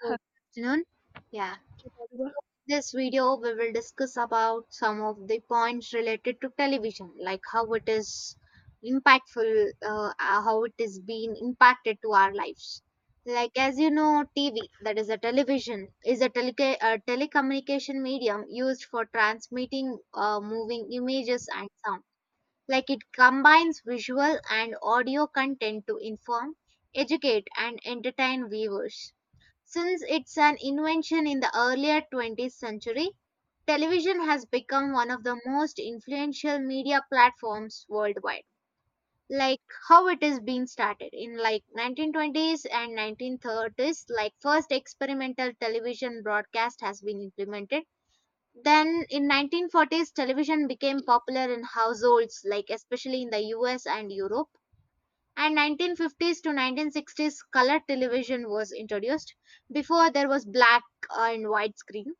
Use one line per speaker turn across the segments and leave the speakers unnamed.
So, good afternoon. Yeah, this video we will discuss about some of the points related to television, like how it is impactful, how it is being impacted to our lives. Like as you know, TV, that is a television, is a, a telecommunication medium used for transmitting moving images and sound. Like it combines visual and audio content to inform, educate, and entertain viewers. Since it's an invention in the earlier 20th century, television has become one of the most influential media platforms worldwide. Like how it is being started in like 1920s and 1930s, like first experimental television broadcast has been implemented. Then in 1940s television became popular in households, like especially in the US and Europe, and 1950s to 1960s color television was introduced. Before, there was black and white screen.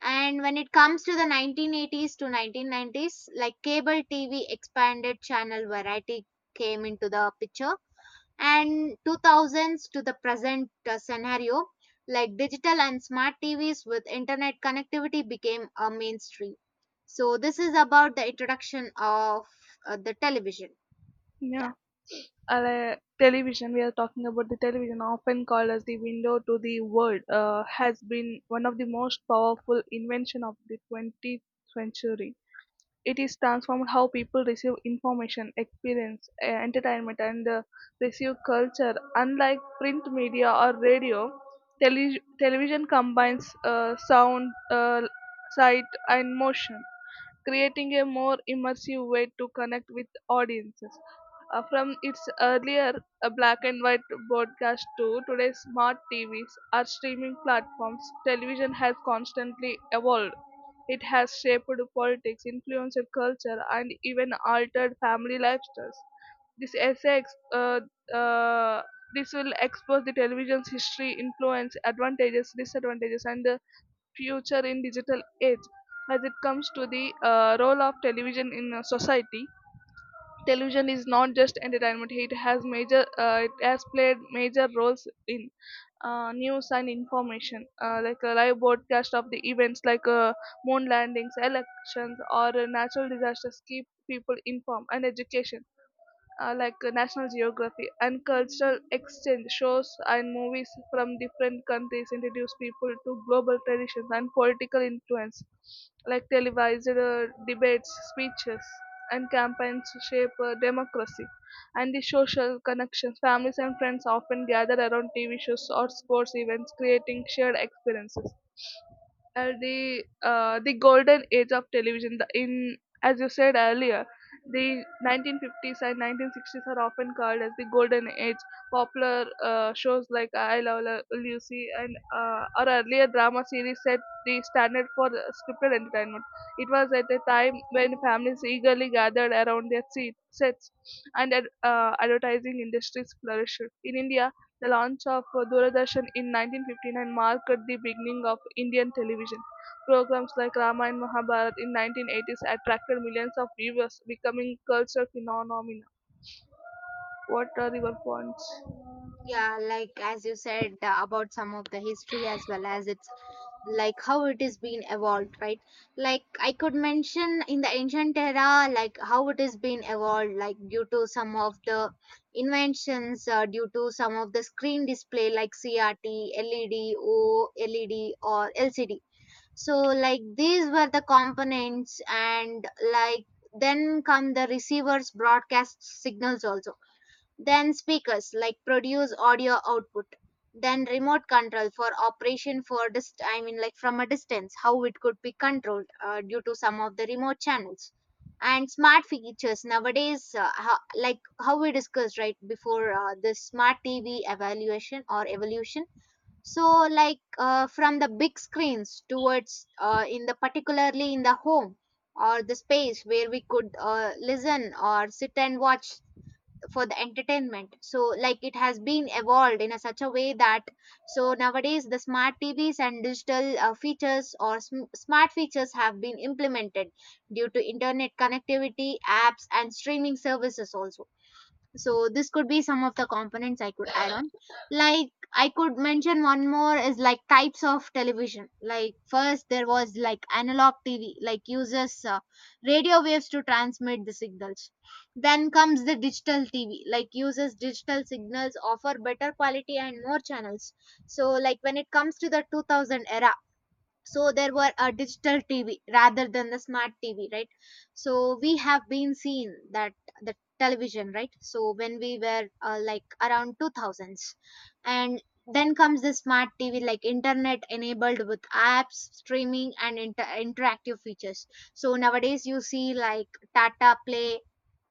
And when it comes to the 1980s to 1990s, like cable TV expanded channel variety, came into the picture. And 2000s to the present scenario, like digital and smart TVs with internet connectivity became a mainstream. So this is about the introduction of the television.
Yeah, ale television, we are talking about the television, often called as the window to the world, has been one of the most powerful invention of the 20th century. It is transformed how people receive information, experience, entertainment, and receive culture. Unlike print media or radio, television combines sound, sight, and motion, creating a more immersive way to connect with audiences. From its earlier black and white broadcast to today's smart TVs or streaming platforms, television has constantly evolved. It has shaped politics, influenced culture, and even altered family lifestyles. This essay, ex- uh, uh, this will expose the television's history, influence, advantages, disadvantages, and the future in digital age. As it comes to the role of television in society, television is not just entertainment. It has played major roles in, news and information, like a live broadcast of the events like, moon landings, elections, or natural disasters keep people informed; and education, National Geography and cultural exchange shows, and movies from different countries introduce people to global traditions; and political influence, like televised debates, speeches, and campaigns shape democracy; and the social connections, families and friends often gather around TV shows or sports events, creating shared experiences. The golden age of television, the, in as you said earlier, the 1950s and 1960s are often called as the golden age. Popular shows like I love lucy and or earlier drama series set the standard for scripted entertainment. It was at a time when families eagerly gathered around their sets, and advertising industries flourished. In india, the launch of Doordarshan in 1959 marked the beginning of Indian television. Programs like Rama and Mahabharat in 1980s attracted millions of viewers, becoming cultural phenomena. What are your points?
Yeah, like as you said about some of the history, as well as it's like how it is being evolved, right? Like I could mention in the ancient era, like how it is being evolved, like due to some of the inventions, due to some of the screen display like CRT, LED, OLED, or LCD. So like these were the components, and like then come the receivers broadcast signals also, then speakers like produce audio output. Then remote control for operation for I mean like from a distance, how it could be controlled due to some of the remote channels and smart features nowadays, like how we discussed right before, this smart TV evaluation or evolution. So like, from the big screens towards, in the particularly in the home or the space where we could listen or sit and watch for the entertainment. So like it has been evolved in a such a way that, so nowadays the smart TVs and digital features or smart features have been implemented due to internet connectivity, apps, and streaming services also. So this could be some of the components I could add on. Like I could mention one more is like types of television. Like first there was like analog TV, like uses radio waves to transmit the signals. Then comes the digital TV, like uses digital signals, offer better quality and more channels. So like when it comes to the 2000 era, so there were a digital TV rather than the smart TV, right? So we have been seen that the television, right? So when we were like around 2000s, and then comes the smart TV, like internet enabled with apps, streaming, and interactive features. So nowadays you see like Tata Play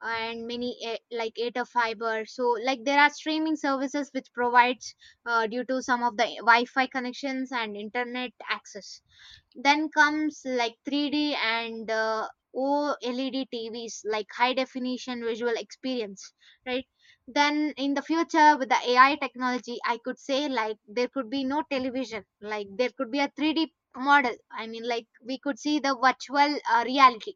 and many like Eta Fiber. So like there are streaming services which provides, due to some of the Wi-Fi connections and internet access. Then comes like 3D and OLED TVs, like high definition visual experience, right? Then in the future with the AI technology, I could say like there could be no television, like there could be a 3D model. I mean like we could see the virtual reality.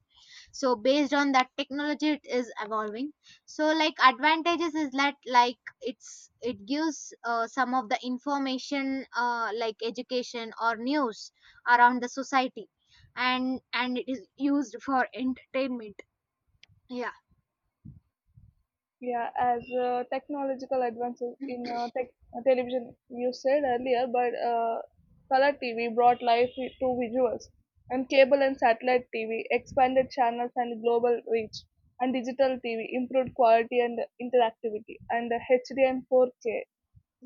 So based on that technology it is evolving. So like advantages is that, like it's it gives some of the information, like education or news around the society. And it is used for entertainment. Yeah.
Yeah, as technological advances in television, you said earlier, but color TV brought life to visuals, and cable and satellite TV expanded channels and global reach, and digital TV improved quality and interactivity, and HD and 4K,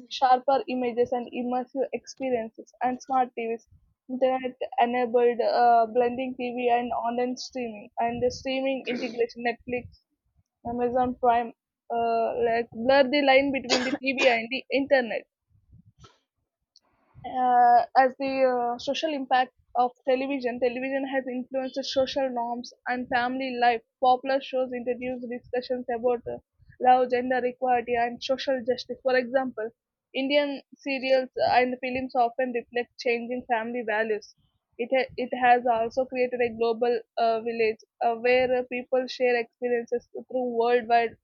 sharper images and immersive experiences, and smart TVs, internet enabled, blending TV and online streaming, and the streaming integration, Netflix, Amazon Prime, like blur the line between the TV and the internet. As the social impact of television, television has influenced social norms and family life. Popular shows introduce discussions about love, gender equality, and social justice. For example, Indian serials and films often reflect changing family values. It has also created a global village where people share experiences through worldwide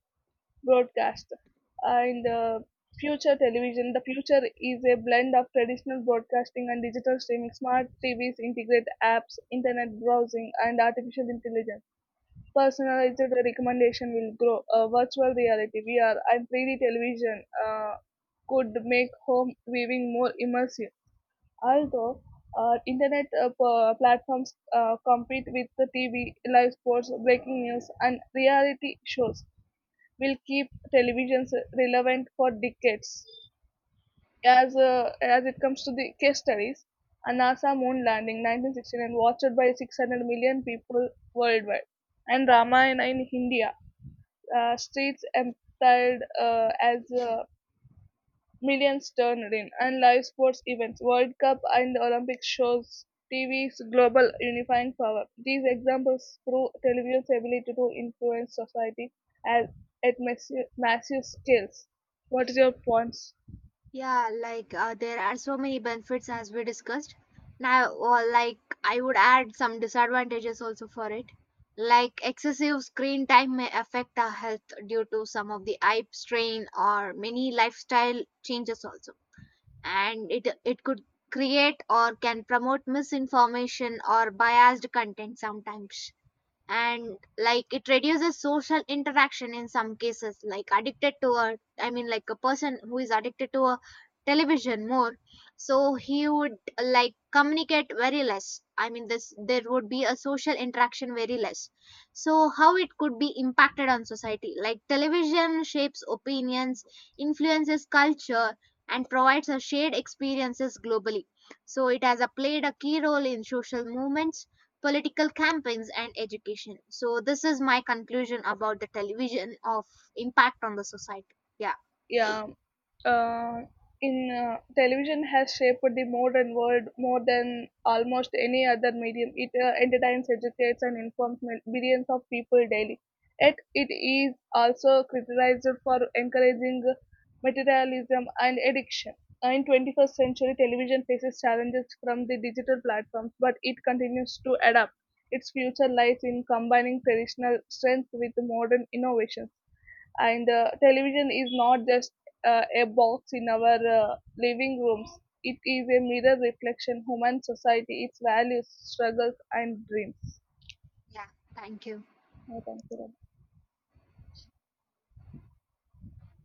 broadcast. In the future television, the future is a blend of traditional broadcasting and digital streaming. Smart TVs integrate apps, internet browsing, and artificial intelligence. Personalized recommendation will grow. Virtual reality (VR) and 3D television could make home viewing more immersive. Although internet platforms compete with the TV, live sports, breaking news, and reality shows will keep televisions relevant for decades. As it comes to the case studies, a NASA moon landing 1969 watched by 600 million people worldwide, and Ramayana in India, streets emptied as millions turned in, and live sports events, World Cup and the Olympics shows TV's global unifying power. These examples prove television's ability to influence society at, at massive scales. What is your points?
Yeah, like there are so many benefits as we discussed. Now, or like I would add some disadvantages also for it. Like excessive screen time may affect our health due to some of the eye strain or many lifestyle changes also. And it could create or can promote misinformation or biased content sometimes. And like it reduces social interaction in some cases. Like addicted to a I mean like a person who is addicted to a television more, so he would like communicate very less. I mean this, there would be a social interaction very less. So how it could be impacted on society. Like television shapes opinions, influences culture, and provides a shared experiences globally. So it has a played a key role in social movements, political campaigns, and education. So this is my conclusion about the television of impact on the society. Yeah.
Yeah. uh, in Television has shaped the modern world more than almost any other medium. It entertains, educates, and informs billions of people daily. Yet it is also criticized for encouraging materialism and addiction. In 21st century, television faces challenges from the digital platforms, but it continues to adapt. Its future lies in combining traditional strength with modern innovations, and television is not just a box in our living rooms. It is a mirror reflection, human society, its values, struggles, and dreams.
Yeah, thank you.
Yeah, thank you, Ravi.